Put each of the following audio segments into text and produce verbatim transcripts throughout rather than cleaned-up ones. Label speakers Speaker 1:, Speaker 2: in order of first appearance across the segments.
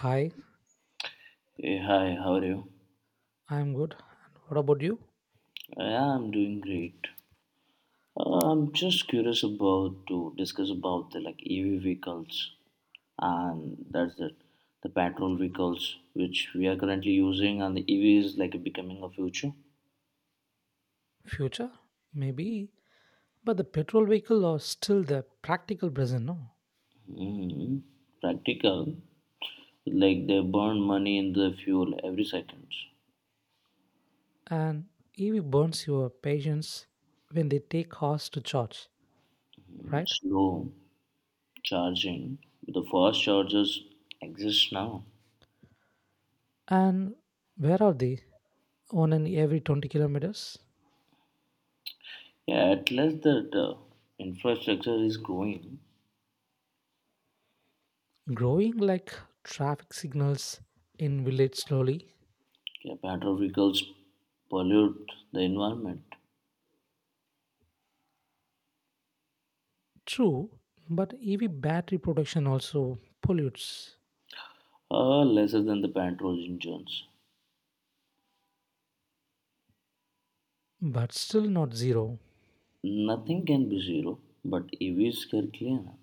Speaker 1: Hi,
Speaker 2: Hey, hi, how are you?
Speaker 1: I'm good. And what about you?
Speaker 2: Yeah, I'm doing great. Uh, I'm just curious about to discuss about the like E V vehicles and that's it. The petrol vehicles which we are currently using and the E V is like becoming a future.
Speaker 1: Future? Maybe. But the petrol vehicle are still the practical present, no?
Speaker 2: Hmm. Practical, like they burn money in the fuel every second.
Speaker 1: And E V burns your patience when they take hours to charge, right?
Speaker 2: Slow charging. The fast chargers exist now.
Speaker 1: And where are they? On and every twenty kilometers?
Speaker 2: Yeah, at least that uh, infrastructure is growing.
Speaker 1: Growing like traffic signals in village slowly.
Speaker 2: Yeah, petrol vehicles pollute the environment
Speaker 1: True, but E V battery production also pollutes,
Speaker 2: uh, lesser than the petrol engines.
Speaker 1: but still not zero.
Speaker 2: Nothing can be zero, but E Vs can clean up.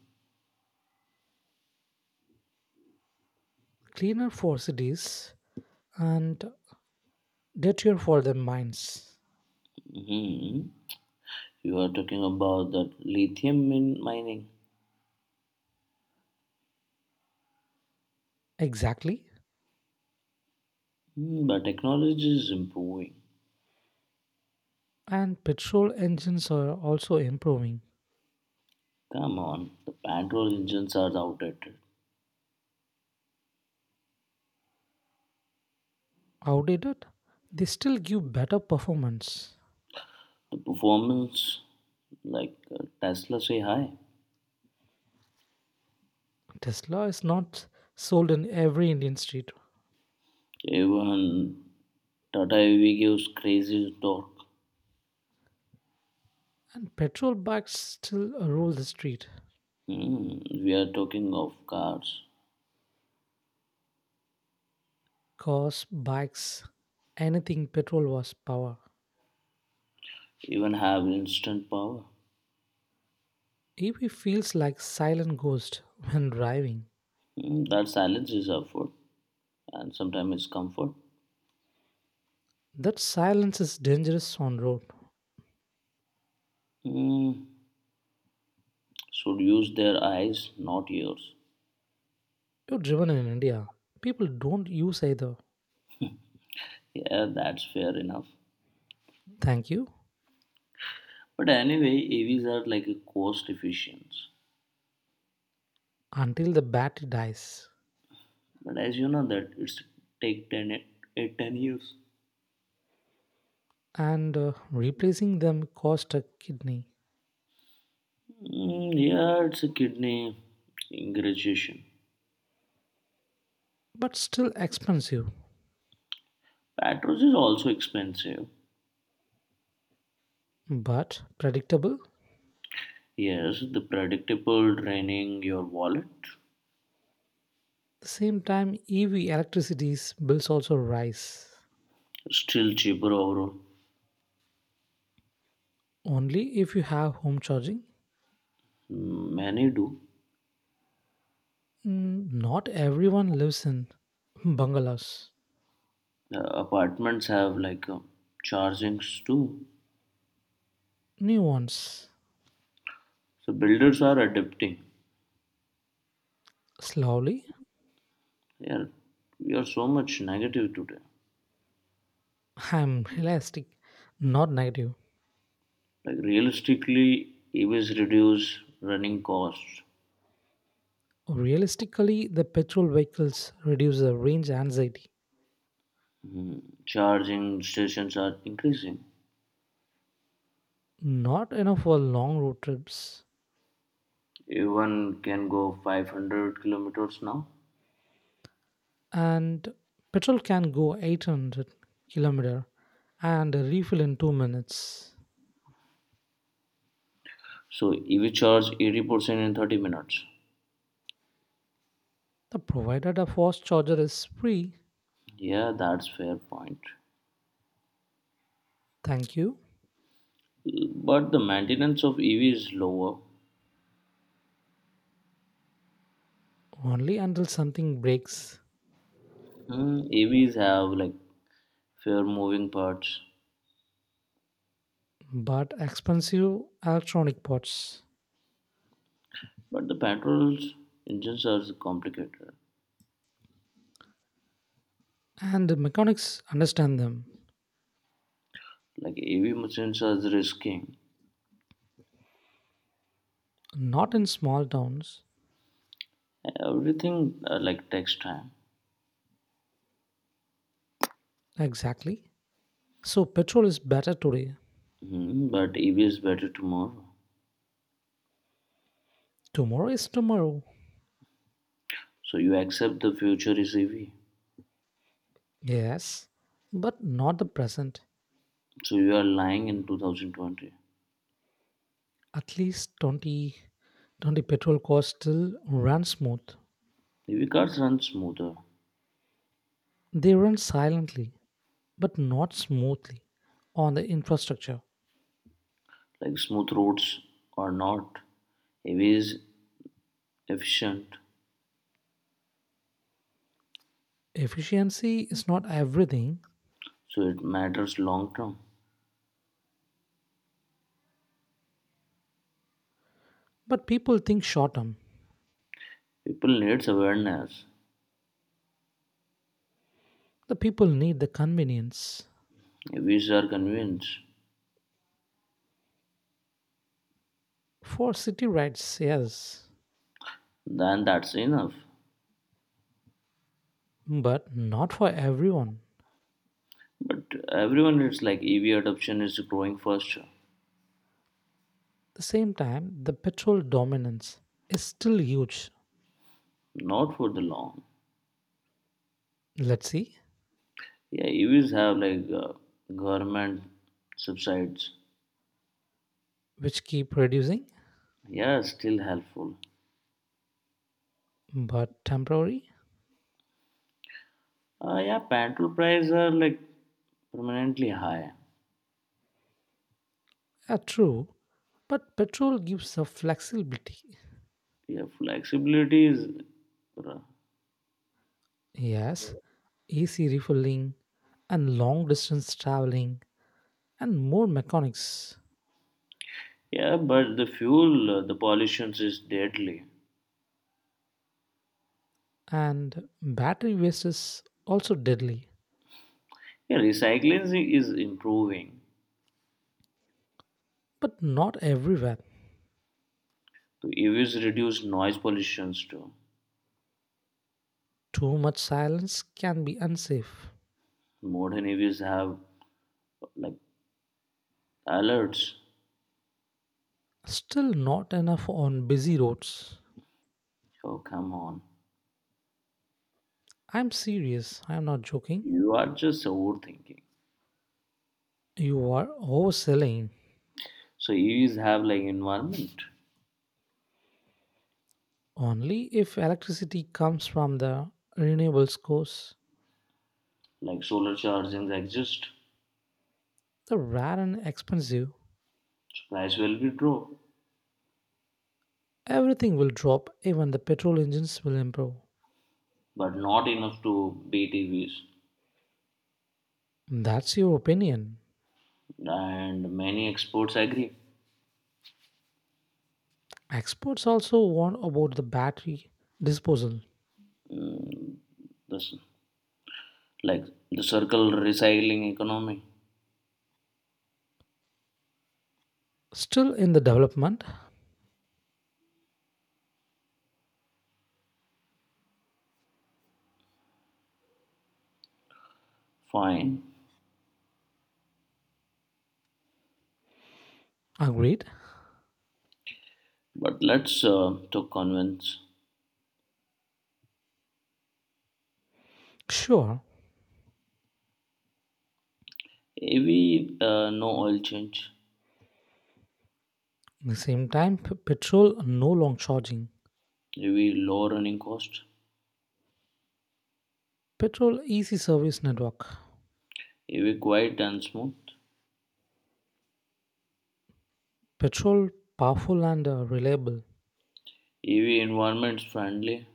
Speaker 1: Cleaner for cities and dirtier for their minds.
Speaker 2: Hmm. You are talking about that lithium min- mining.
Speaker 1: Exactly.
Speaker 2: Hmm, but technology is improving.
Speaker 1: And petrol engines are also improving.
Speaker 2: Come on, the petrol engines are outdated.
Speaker 1: Outdated, they still give better performance.
Speaker 2: The performance, like uh, Tesla, say hi.
Speaker 1: Tesla is not sold in every Indian street,
Speaker 2: Even Tata E V gives crazy torque.
Speaker 1: and petrol bikes still rule the street.
Speaker 2: Hmm, we are talking of cars
Speaker 1: Cars, bikes, anything petrol was power.
Speaker 2: even have instant power.
Speaker 1: E V feels like silent ghost when driving.
Speaker 2: Mm, that silence is effort and sometimes it's comfort.
Speaker 1: That silence is dangerous on road.
Speaker 2: Mm, should use their eyes, not yours.
Speaker 1: You're driven in India. People don't use either.
Speaker 2: Yeah, that's fair enough.
Speaker 1: Thank you.
Speaker 2: But anyway, E Vs are like a cost efficient.
Speaker 1: Until the battery dies,
Speaker 2: But as you know that it's take ten, e- eight, ten years.
Speaker 1: and uh, replacing them cost a kidney,
Speaker 2: Mm, yeah, it's a kidney ingratitude.
Speaker 1: but still expensive,
Speaker 2: Patros is also expensive.
Speaker 1: but predictable. At
Speaker 2: Yes, the predictable draining your wallet.
Speaker 1: the same time, E V electricity's bills also rise.
Speaker 2: Still cheaper overall.
Speaker 1: Only if you have home charging.
Speaker 2: Hmm, many do.
Speaker 1: Mm, not everyone lives in bungalows.
Speaker 2: The apartments have like uh, chargings too.
Speaker 1: New ones.
Speaker 2: So builders are adapting.
Speaker 1: Slowly,
Speaker 2: Yeah, we are so much negative today.
Speaker 1: I'm realistic, not negative.
Speaker 2: Like realistically, E Vs reduce running costs.
Speaker 1: Realistically, the petrol vehicles reduce the range anxiety.
Speaker 2: Hmm, charging stations are increasing.
Speaker 1: Not enough for long road trips,
Speaker 2: Even can go five hundred kilometers now.
Speaker 1: and petrol can go eight hundred kilometer and refill in two minutes,
Speaker 2: So E V charge eighty percent in thirty minutes.
Speaker 1: the provided a fast charger is free.
Speaker 2: Yeah, that's fair point.
Speaker 1: Thank you.
Speaker 2: But the maintenance of E V is lower.
Speaker 1: Only until something breaks,
Speaker 2: Hmm, E Vs have like fair moving parts.
Speaker 1: but expensive electronic parts,
Speaker 2: But the petrol engines are complicated.
Speaker 1: and the mechanics understand them,
Speaker 2: Like E V machines are risking.
Speaker 1: not in small towns.
Speaker 2: Everything uh, like takes time.
Speaker 1: Exactly, so petrol is better today.
Speaker 2: Mhm, but E V is better tomorrow.
Speaker 1: Tomorrow is tomorrow.
Speaker 2: So you accept the future is E V.
Speaker 1: Yes, but not the present.
Speaker 2: So you are lying in twenty twenty.
Speaker 1: At least twenty twenty petrol cars still run smooth.
Speaker 2: E V cars run smoother.
Speaker 1: They run silently, but not smoothly, on the infrastructure.
Speaker 2: Like smooth roads or not. E V is efficient.
Speaker 1: Efficiency is not everything,
Speaker 2: So it matters long term.
Speaker 1: but people think short term.
Speaker 2: People needs awareness.
Speaker 1: The people need the convenience.
Speaker 2: E Vs are convinced.
Speaker 1: For city rides, yes,
Speaker 2: Then that's enough.
Speaker 1: but not for everyone.
Speaker 2: But everyone, it's like E V adoption is growing faster,
Speaker 1: At the same time, the petrol dominance is still huge.
Speaker 2: not for the long.
Speaker 1: Let's see,
Speaker 2: Yeah, E Vs have like uh, government subsides.
Speaker 1: which keep reducing,
Speaker 2: Yeah, still helpful.
Speaker 1: but temporary.
Speaker 2: Uh, yeah, petrol prices are like permanently high.
Speaker 1: Uh, true, but petrol gives a flexibility.
Speaker 2: Yeah, flexibility is.
Speaker 1: Yes, easy refilling and long distance traveling and more mechanics.
Speaker 2: Yeah, but the fuel, uh, the pollution is deadly.
Speaker 1: And battery waste is also deadly,
Speaker 2: Yeah, recycling is improving.
Speaker 1: but not everywhere.
Speaker 2: So E Vs reduce noise pollutions too.
Speaker 1: Too much silence can be unsafe.
Speaker 2: Modern E Vs have like alerts.
Speaker 1: Still not enough on busy roads.
Speaker 2: Oh, come on.
Speaker 1: I'm serious, I'm not joking.
Speaker 2: You are just overthinking.
Speaker 1: You are overselling.
Speaker 2: So E Vs have like environment,
Speaker 1: Only if electricity comes from the renewables source,
Speaker 2: like solar chargings exist.
Speaker 1: the rare and expensive.
Speaker 2: So price will be drop,
Speaker 1: Everything will drop, even the petrol engines will improve.
Speaker 2: but not enough to beat E Vs.
Speaker 1: That's your opinion.
Speaker 2: And many experts agree.
Speaker 1: Experts also warn about the battery disposal.
Speaker 2: This like the circle recycling economy.
Speaker 1: Still in the development,
Speaker 2: Fine,
Speaker 1: agreed?
Speaker 2: but let's uh, talk convince.
Speaker 1: Sure.
Speaker 2: E V uh, no oil change.
Speaker 1: At the same time, p- petrol no long charging.
Speaker 2: E V low running cost.
Speaker 1: Petrol easy service network.
Speaker 2: E V quiet and smooth.
Speaker 1: Petrol powerful and uh, reliable.
Speaker 2: E V environment friendly.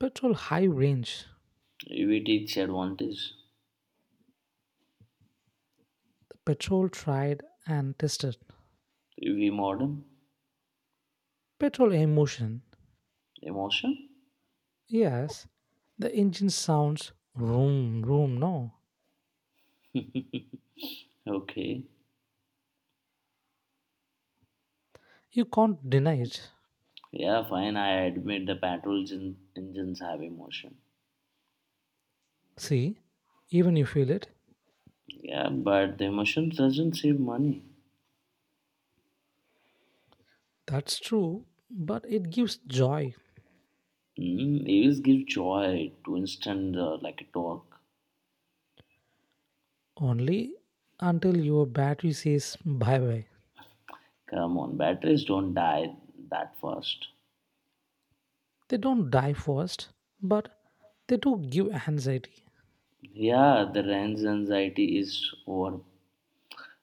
Speaker 1: Petrol high range.
Speaker 2: E V teach advantage.
Speaker 1: Petrol tried and tested.
Speaker 2: P V modem
Speaker 1: Petrol emotion.
Speaker 2: emotion.
Speaker 1: Yes, the engine sounds room, room, no.
Speaker 2: Okay.
Speaker 1: You can't deny it.
Speaker 2: Yeah, fine. I admit the petrol gen- engines have emotion.
Speaker 1: See, even you feel it.
Speaker 2: Yeah, but the emotion doesn't save money.
Speaker 1: That's true, but it gives joy
Speaker 2: Mm, E Vs give joy to instant uh, like a torque.
Speaker 1: only until your battery says bye bye.
Speaker 2: Come on, batteries don't die that fast.
Speaker 1: They don't die first, but they do give anxiety.
Speaker 2: Yeah, the range anxiety is over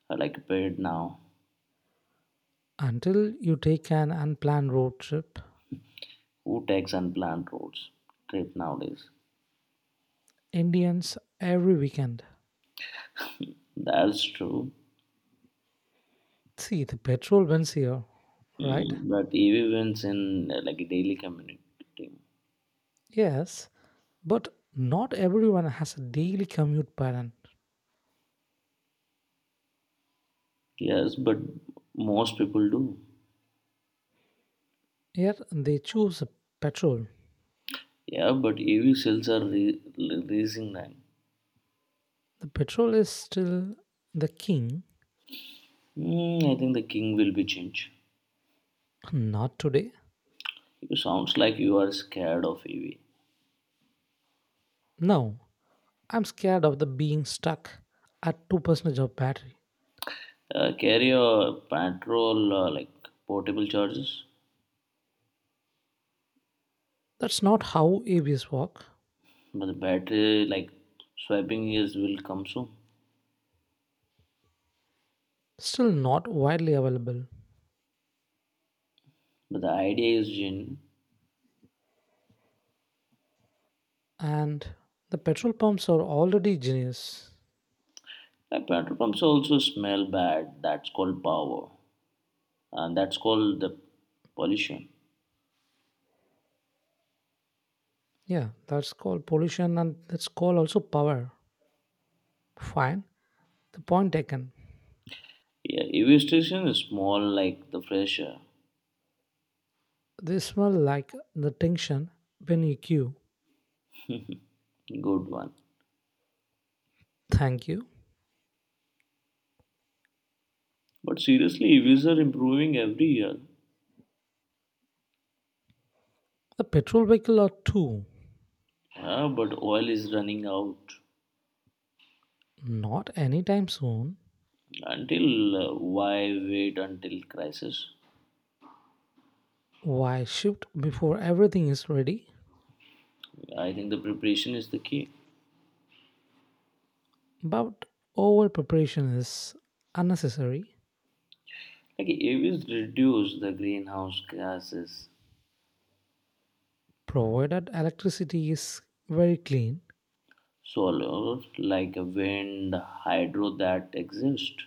Speaker 2: uh, like paid now.
Speaker 1: Until you take an unplanned road trip,
Speaker 2: Who takes unplanned roads trip nowadays?
Speaker 1: Indians every weekend.
Speaker 2: That's true.
Speaker 1: See, the petrol wins here, right?
Speaker 2: Mm, but E V wins in uh, like daily community.
Speaker 1: Yes, but not everyone has a daily commute pattern.
Speaker 2: Yes, but most people do.
Speaker 1: Here they choose petrol.
Speaker 2: Yeah, but E V sales are re- raising now.
Speaker 1: The petrol is still the king.
Speaker 2: Hmm, I think the king will be changed.
Speaker 1: Not today.
Speaker 2: You sounds like you are scared of E V.
Speaker 1: Now, I'm scared of the being stuck at two percent of battery.
Speaker 2: Uh, carry a petrol uh, like portable chargers,
Speaker 1: That's not how A Vs work.
Speaker 2: but the battery like swiping is will come soon.
Speaker 1: Still not widely available.
Speaker 2: But the idea is in
Speaker 1: And the petrol pumps are already genius.
Speaker 2: like petrol pumps also smell bad. That's called power, and that's called the pollution.
Speaker 1: Yeah, that's called pollution and that's called also power. Fine. The point taken.
Speaker 2: Yeah, E V station is small like the fresh air.
Speaker 1: They smell like the tension when you queue.
Speaker 2: Good one.
Speaker 1: Thank you.
Speaker 2: But seriously, E Vs are improving every year.
Speaker 1: The petrol vehicle are too.
Speaker 2: Yeah, but oil is running out.
Speaker 1: Not anytime soon.
Speaker 2: Until uh, why wait until crisis?
Speaker 1: Why shift before everything is ready?
Speaker 2: I think the preparation is the key.
Speaker 1: But over preparation is unnecessary,
Speaker 2: Like E Vs reduce the greenhouse gases,
Speaker 1: provided electricity is very clean.
Speaker 2: solar, like wind, hydro that exist.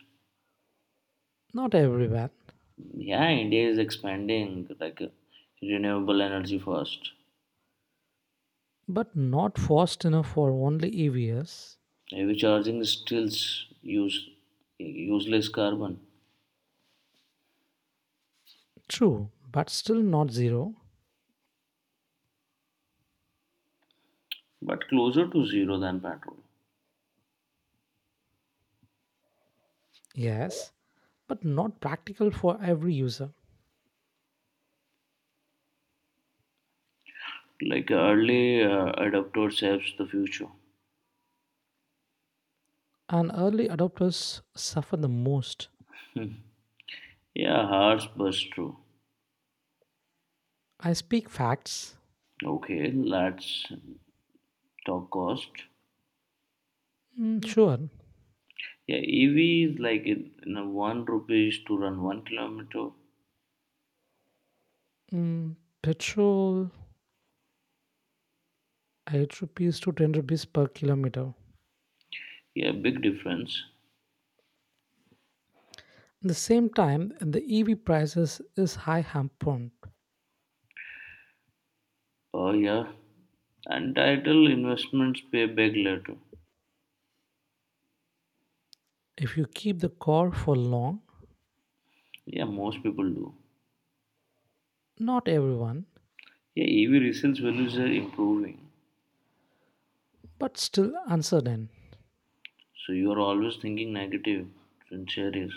Speaker 1: Not everywhere,
Speaker 2: Yeah, India is expanding like uh, renewable energy first.
Speaker 1: but not fast enough for only E Vs.
Speaker 2: E V charging still use useless carbon,
Speaker 1: True, but still not zero.
Speaker 2: but closer to zero than petrol.
Speaker 1: Yes, but not practical for every user.
Speaker 2: Like early uh, adopter saves the future.
Speaker 1: And early adopters suffer the most.
Speaker 2: Yeah, harsh but true.
Speaker 1: I speak facts.
Speaker 2: Okay, let's talk cost.
Speaker 1: Mm, sure.
Speaker 2: Yeah, E V is like in, in a one rupees to run one kilometer.
Speaker 1: Mm, petrol eight rupees to ten rupees per kilometer.
Speaker 2: Yeah, big difference.
Speaker 1: At the same time, the E V prices is high hampered.
Speaker 2: Oh yeah, and title investments pay back later.
Speaker 1: If you keep the car for long,
Speaker 2: Yeah, most people do.
Speaker 1: not everyone,
Speaker 2: Yeah, E V resales values are improving.
Speaker 1: but still uncertain.
Speaker 2: So you are always thinking negative. In sincerely,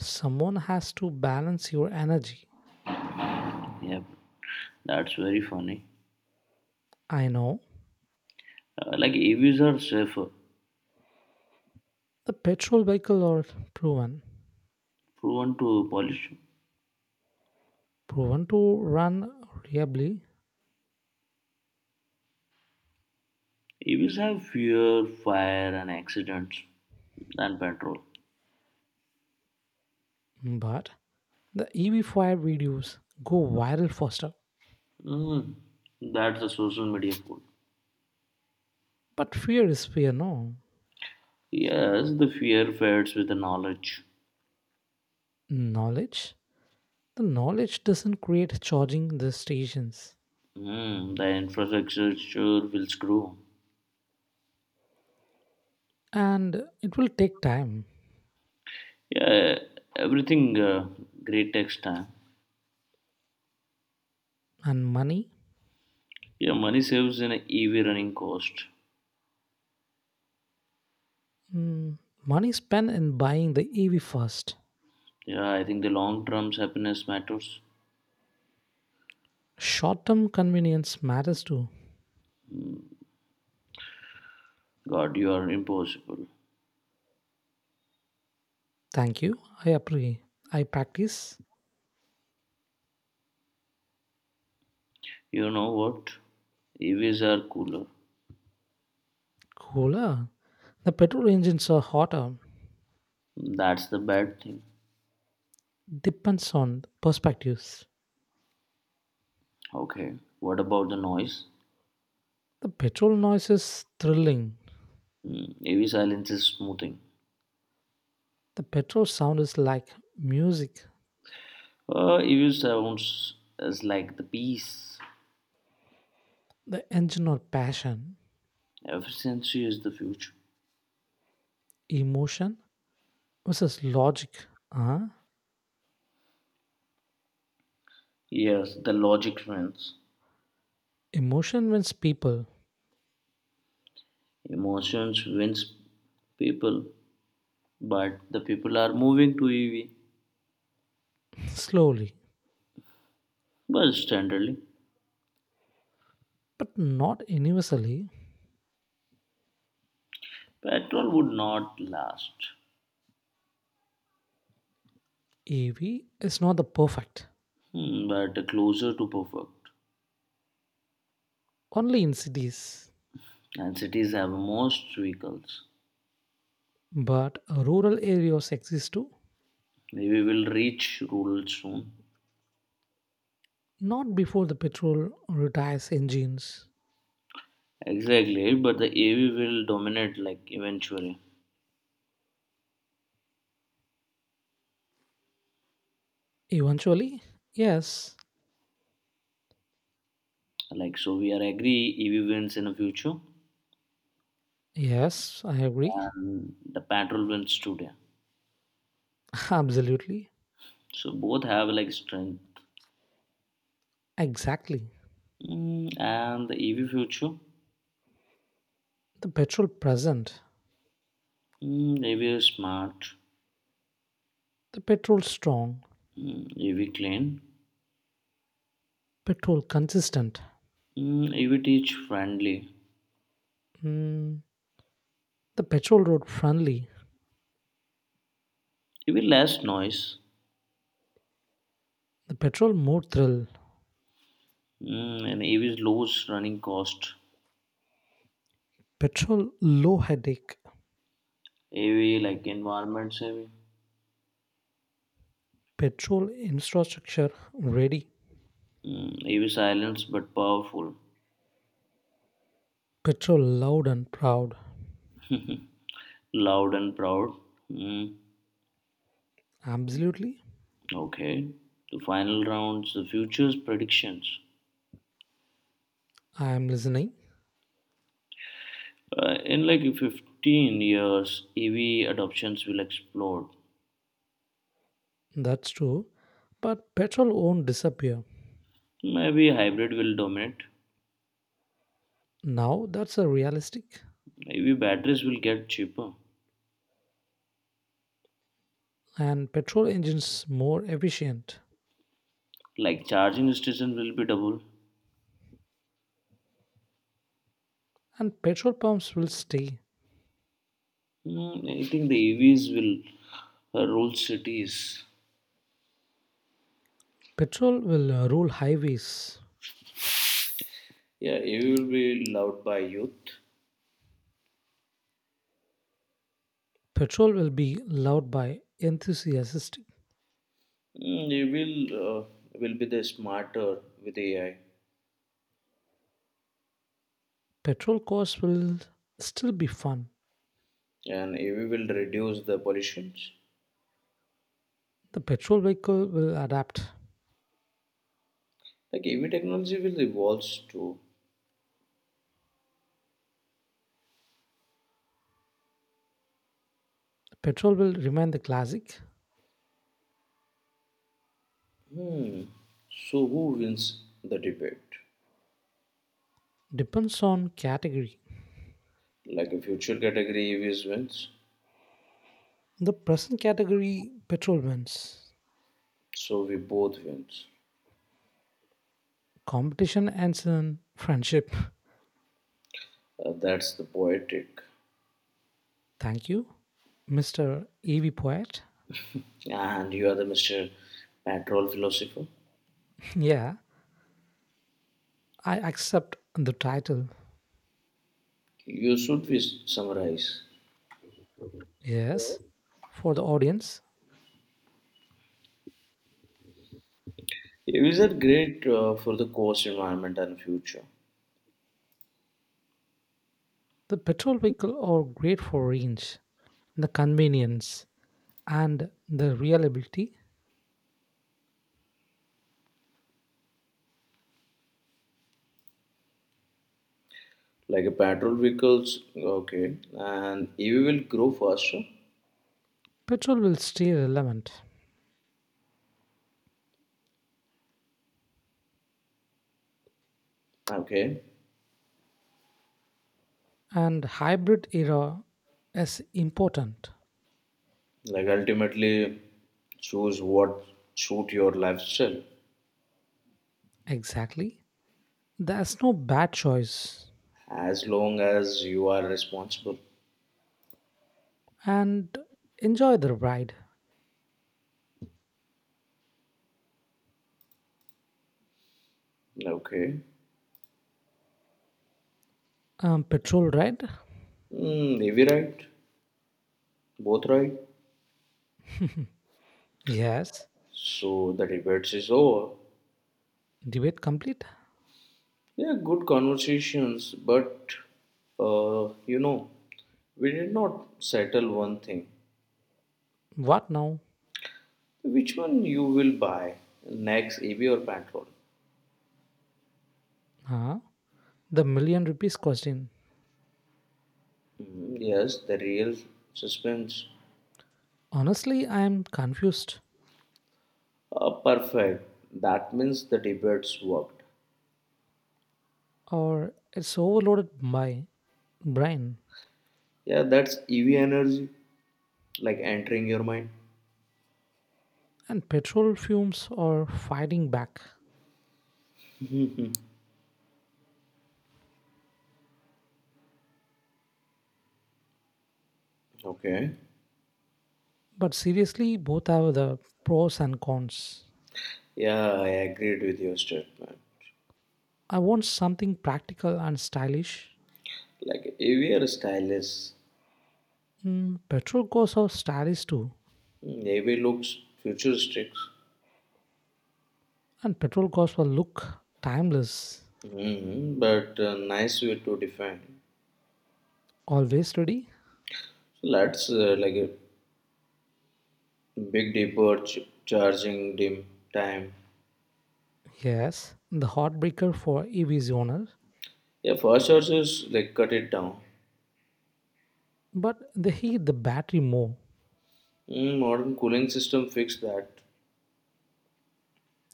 Speaker 1: Someone has to balance your energy.
Speaker 2: yeah, that's very funny.
Speaker 1: I know
Speaker 2: Uh, like E Vs are safer.
Speaker 1: the petrol vehicle are proven,
Speaker 2: Prone to pollution.
Speaker 1: proven to run reliably,
Speaker 2: E Vs have fewer fire and accidents than petrol.
Speaker 1: but the E V fire videos go viral faster.
Speaker 2: Mm, that's the social media quote.
Speaker 1: But fear is fear, no.
Speaker 2: Yes, the fear fades with the knowledge.
Speaker 1: Knowledge. The knowledge doesn't create charging the stations,
Speaker 2: Mm, the infrastructure sure will screw.
Speaker 1: and it will take time
Speaker 2: Yeah, everything uh, great takes time.
Speaker 1: and money.
Speaker 2: Yeah, money saves in a E V running cost.
Speaker 1: Mm, money spent in buying the E V first.
Speaker 2: Yeah, I think the long term happiness matters.
Speaker 1: Short-term convenience matters too.
Speaker 2: God, you are impossible.
Speaker 1: Thank you. I appreciate. I practice.
Speaker 2: You know what? E Vs are cooler.
Speaker 1: Cooler. The petrol engines are hotter.
Speaker 2: That's the bad thing.
Speaker 1: Depends on perspectives.
Speaker 2: Okay, what about the noise?
Speaker 1: The petrol noise is thrilling.
Speaker 2: Mm, A V silence is smoothing.
Speaker 1: The petrol sound is like music.
Speaker 2: Uh, A V sounds is like the peace.
Speaker 1: The engine or passion,
Speaker 2: Efficiency is the future.
Speaker 1: emotion versus logic. Huh?
Speaker 2: Yes, the logic wins.
Speaker 1: Emotion wins people
Speaker 2: Emotions wins people, but the people are moving to E V.
Speaker 1: slowly,
Speaker 2: But standardly,
Speaker 1: but not universally.
Speaker 2: petrol would not last.
Speaker 1: A V is not the perfect,
Speaker 2: Hmm, but closer to perfect.
Speaker 1: only in cities.
Speaker 2: And cities have most vehicles.
Speaker 1: But rural areas exist too,
Speaker 2: Maybe we'll reach rural soon.
Speaker 1: not before the petrol retires engines.
Speaker 2: Exactly, right, but the E V will dominate like eventually.
Speaker 1: Eventually, yes.
Speaker 2: Like so, we are agree E V wins in the future,
Speaker 1: Yes, I agree.
Speaker 2: and the petrol wins today.
Speaker 1: Absolutely,
Speaker 2: So both have like strength.
Speaker 1: exactly.
Speaker 2: Mm, and the E V future,
Speaker 1: The petrol present,
Speaker 2: mm, E V is smart,
Speaker 1: the petrol strong,
Speaker 2: mm, E V clean,
Speaker 1: petrol consistent,
Speaker 2: mm, E V teach friendly,
Speaker 1: mm, the petrol road friendly,
Speaker 2: E V less noise,
Speaker 1: the petrol more thrill,
Speaker 2: mm, and E V is lowest running cost.
Speaker 1: petrol low headache.
Speaker 2: E V like environment saving,
Speaker 1: Petrol infrastructure ready.
Speaker 2: mm, E V silence but powerful,
Speaker 1: Petrol loud and proud.
Speaker 2: loud and proud. Mm.
Speaker 1: Absolutely.
Speaker 2: Okay, the final rounds, the futures predictions.
Speaker 1: I am listening.
Speaker 2: Uh, in like fifteen years, E V adoptions will explode.
Speaker 1: That's true. But petrol won't disappear.
Speaker 2: Maybe hybrid will dominate.
Speaker 1: Now that's a realistic.
Speaker 2: E V batteries will get cheaper.
Speaker 1: And petrol engines more efficient.
Speaker 2: Like charging station will be double.
Speaker 1: And petrol pumps will stay.
Speaker 2: Hmm, I think the E Vs will uh, rule cities.
Speaker 1: Petrol will uh, rule highways.
Speaker 2: Yeah, E V will be loved by youth.
Speaker 1: Petrol will be loved by enthusiastic.
Speaker 2: Mm, E V will uh, will be the smarter with A I,
Speaker 1: Petrol cars will still be fun.
Speaker 2: and E V will reduce the pollutions.
Speaker 1: The petrol vehicle will adapt.
Speaker 2: Like E V technology will evolve too.
Speaker 1: Petrol will remain the classic.
Speaker 2: Hmm. So who wins the debate?
Speaker 1: Depends on category.
Speaker 2: Like a future category E Vs wins,
Speaker 1: The present category petrol wins.
Speaker 2: so we both wins.
Speaker 1: Competition ends in friendship.
Speaker 2: Uh, that's the poetic.
Speaker 1: Thank you, Mister E V Poet.
Speaker 2: And you are the Mister Patrol philosopher.
Speaker 1: Yeah, I accept the title.
Speaker 2: You should be summarize.
Speaker 1: Yes. For the audience,
Speaker 2: E Vs are great uh, for the cost, environment and future.
Speaker 1: the petrol vehicle are great for range, the convenience, and the reliability.
Speaker 2: Like a petrol vehicles, okay, and E V will grow faster,
Speaker 1: Petrol will stay relevant,
Speaker 2: okay,
Speaker 1: and hybrid era is important.
Speaker 2: like ultimately, choose what suit your lifestyle
Speaker 1: Exactly. There's no bad choice.
Speaker 2: as long as you are responsible.
Speaker 1: And enjoy the ride.
Speaker 2: Like, okay.
Speaker 1: Um, petrol ride?
Speaker 2: Mm, maybe right. Both right.
Speaker 1: Yes.
Speaker 2: So the debates is over.
Speaker 1: Debate complete?
Speaker 2: Yeah, good conversations, but uh, you know, we did not settle one thing.
Speaker 1: What now?
Speaker 2: Which one you will buy next, A B or Patrol?
Speaker 1: Huh? The million rupees question.
Speaker 2: Mm, yes, the real suspense.
Speaker 1: Honestly, I am confused.
Speaker 2: Uh, perfect. That means the debates worked.
Speaker 1: Or it's overloaded by brain
Speaker 2: Yeah, that's E V energy, like entering your mind.
Speaker 1: and petrol fumes are fighting back.
Speaker 2: Okay.
Speaker 1: But seriously, both have the pros and cons.
Speaker 2: Yeah, I agreed with your statement.
Speaker 1: I want something practical and stylish.
Speaker 2: Like A V are stylish.
Speaker 1: Mm, petrol cars are stylish too,
Speaker 2: Mm, A V looks futuristic,
Speaker 1: and petrol cars will look timeless,
Speaker 2: hmm but uh, nice way to define.
Speaker 1: always ready.
Speaker 2: So let's uh, like a big deeper ch- charging dim time.
Speaker 1: Yes, the heartbreaker for E V's owner,
Speaker 2: Yeah, fast chargers like cut it down.
Speaker 1: but they hate the battery more.
Speaker 2: Mm, modern cooling system fix that.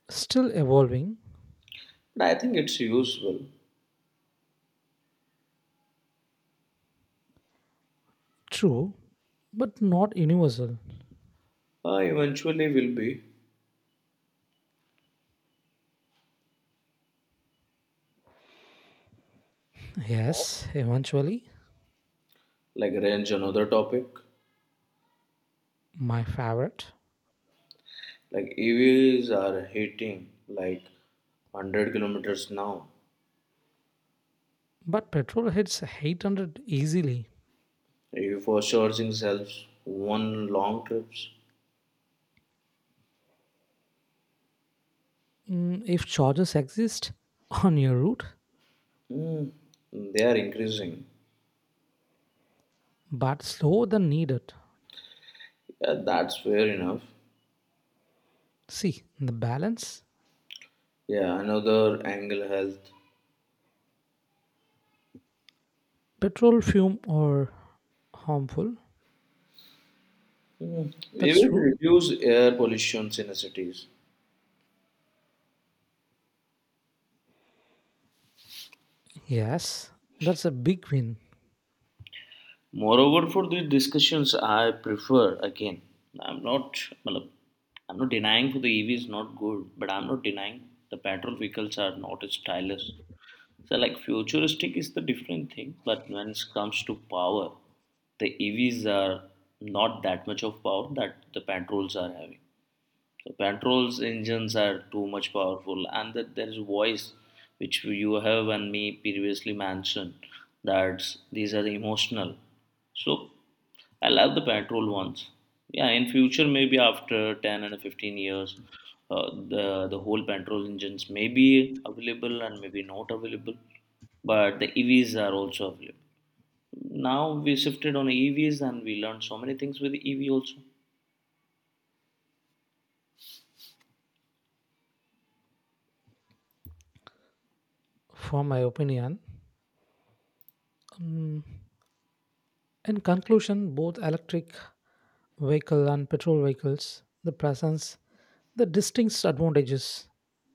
Speaker 1: Still evolving,
Speaker 2: But I think it's useful.
Speaker 1: true, but not universal.
Speaker 2: Uh, eventually will be
Speaker 1: Yes, eventually,
Speaker 2: like range another topic.
Speaker 1: my favorite.
Speaker 2: Like E Vs are hitting like one hundred kilometers now.
Speaker 1: But petrol hits eight hundred easily.
Speaker 2: E V for charging sells one long trips.
Speaker 1: Mm, if charges exist on your route,
Speaker 2: Hmm, they are increasing.
Speaker 1: but slower than needed.
Speaker 2: Yeah, that's fair enough.
Speaker 1: See, the balance.
Speaker 2: Yeah, another angle health.
Speaker 1: Petrol fume or harmful.
Speaker 2: Hmm, we
Speaker 1: That's
Speaker 2: will
Speaker 1: true.
Speaker 2: reduce air pollution in the cities.
Speaker 1: Yes, that's a big win
Speaker 2: Moreover, for these discussions, I prefer again. I'm not, मतलब, I'm not denying for the E V is not good, but I'm not denying the petrol vehicles are not as stylish. So, like futuristic is the different thing, but when it comes to power, the E Vs are not that much of power that the petrols are having. So petrol's engines are too much powerful, and that there is voice, which you have and me previously mentioned, that these are emotional. So I love the petrol ones. Yeah, in future maybe after ten and fifteen years, uh, the the whole petrol engines may be available and maybe not available, but the E Vs are also available. Now we shifted on E Vs and we learned so many things with E V also.
Speaker 1: for my opinion. Mm, in conclusion, both electric vehicle and petrol vehicles, the presents the distinct advantages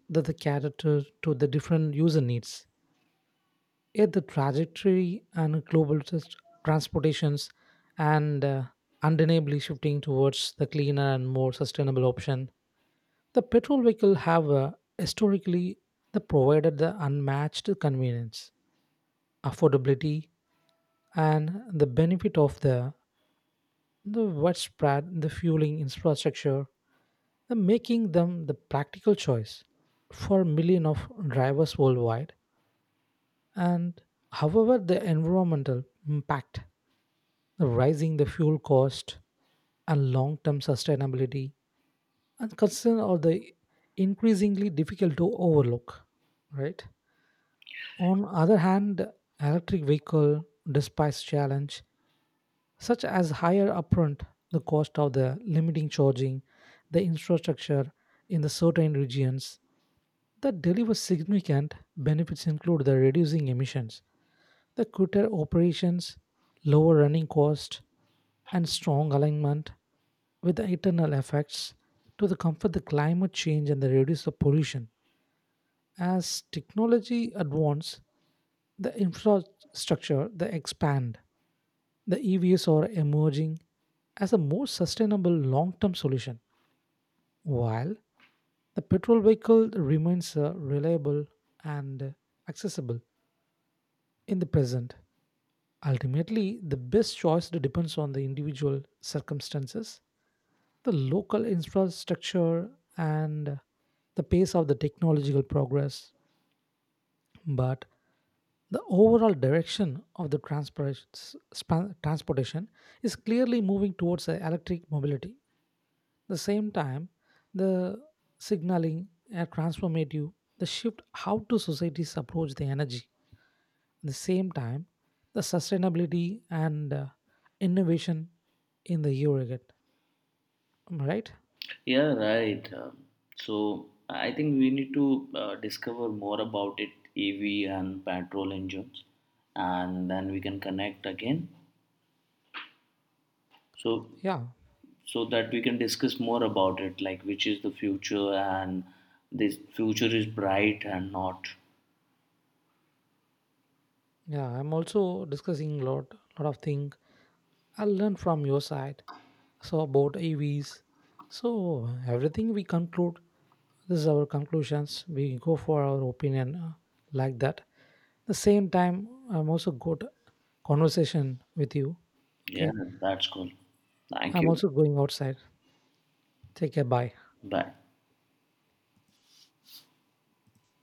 Speaker 1: that they cater to, to the different user needs. Yet the trajectory and global trans- transportations and uh, undeniably shifting towards the cleaner and more sustainable option. The petrol vehicle have uh, historically the provided the unmatched convenience, affordability, and the benefit of the the widespread the fueling infrastructure, and making them the practical choice for millions of drivers worldwide. And however the environmental impact, the rising the fuel cost, and long-term sustainability and concern are the increasingly difficult to overlook, right? On other hand, electric vehicle, despite challenge such as higher upfront the cost of the limiting charging, the infrastructure in the certain regions, that deliver significant benefits include the reducing emissions, the quicker operations, lower running cost, and strong alignment with the internal effects to the comfort the climate change and the reduce the pollution. As technology advance, the infrastructure they expand. The E Vs are emerging as a more sustainable long term solution, while the petrol vehicle remains uh, reliable and accessible in the present. Ultimately, the best choice depends on the individual circumstances, the local infrastructure, and the pace of the technological progress. But the overall direction of the transpora- span- transportation is clearly moving towards uh, electric mobility the same time, the signaling are transformative. The shift how to societies approach the energy. At the same time, the sustainability and uh, innovation in the Euroget. Am I right?
Speaker 2: Yeah, right. Um, so I think we need to uh, discover more about it, E V and petrol engines, and then we can connect again. So
Speaker 1: Yeah,
Speaker 2: so that we can discuss more about it, like which is the future and this future is bright and not.
Speaker 1: yeah. I'm also discussing a lot, lot of things. I'll learn from your side. So about E Vs. So everything we conclude. This is our conclusions. We go for our opinion uh, like that. The same time, I'm also good conversation with you.
Speaker 2: Yeah,
Speaker 1: Okay.
Speaker 2: that's cool. Thank
Speaker 1: I'm
Speaker 2: you.
Speaker 1: also going outside. Take care. Bye.
Speaker 2: Bye.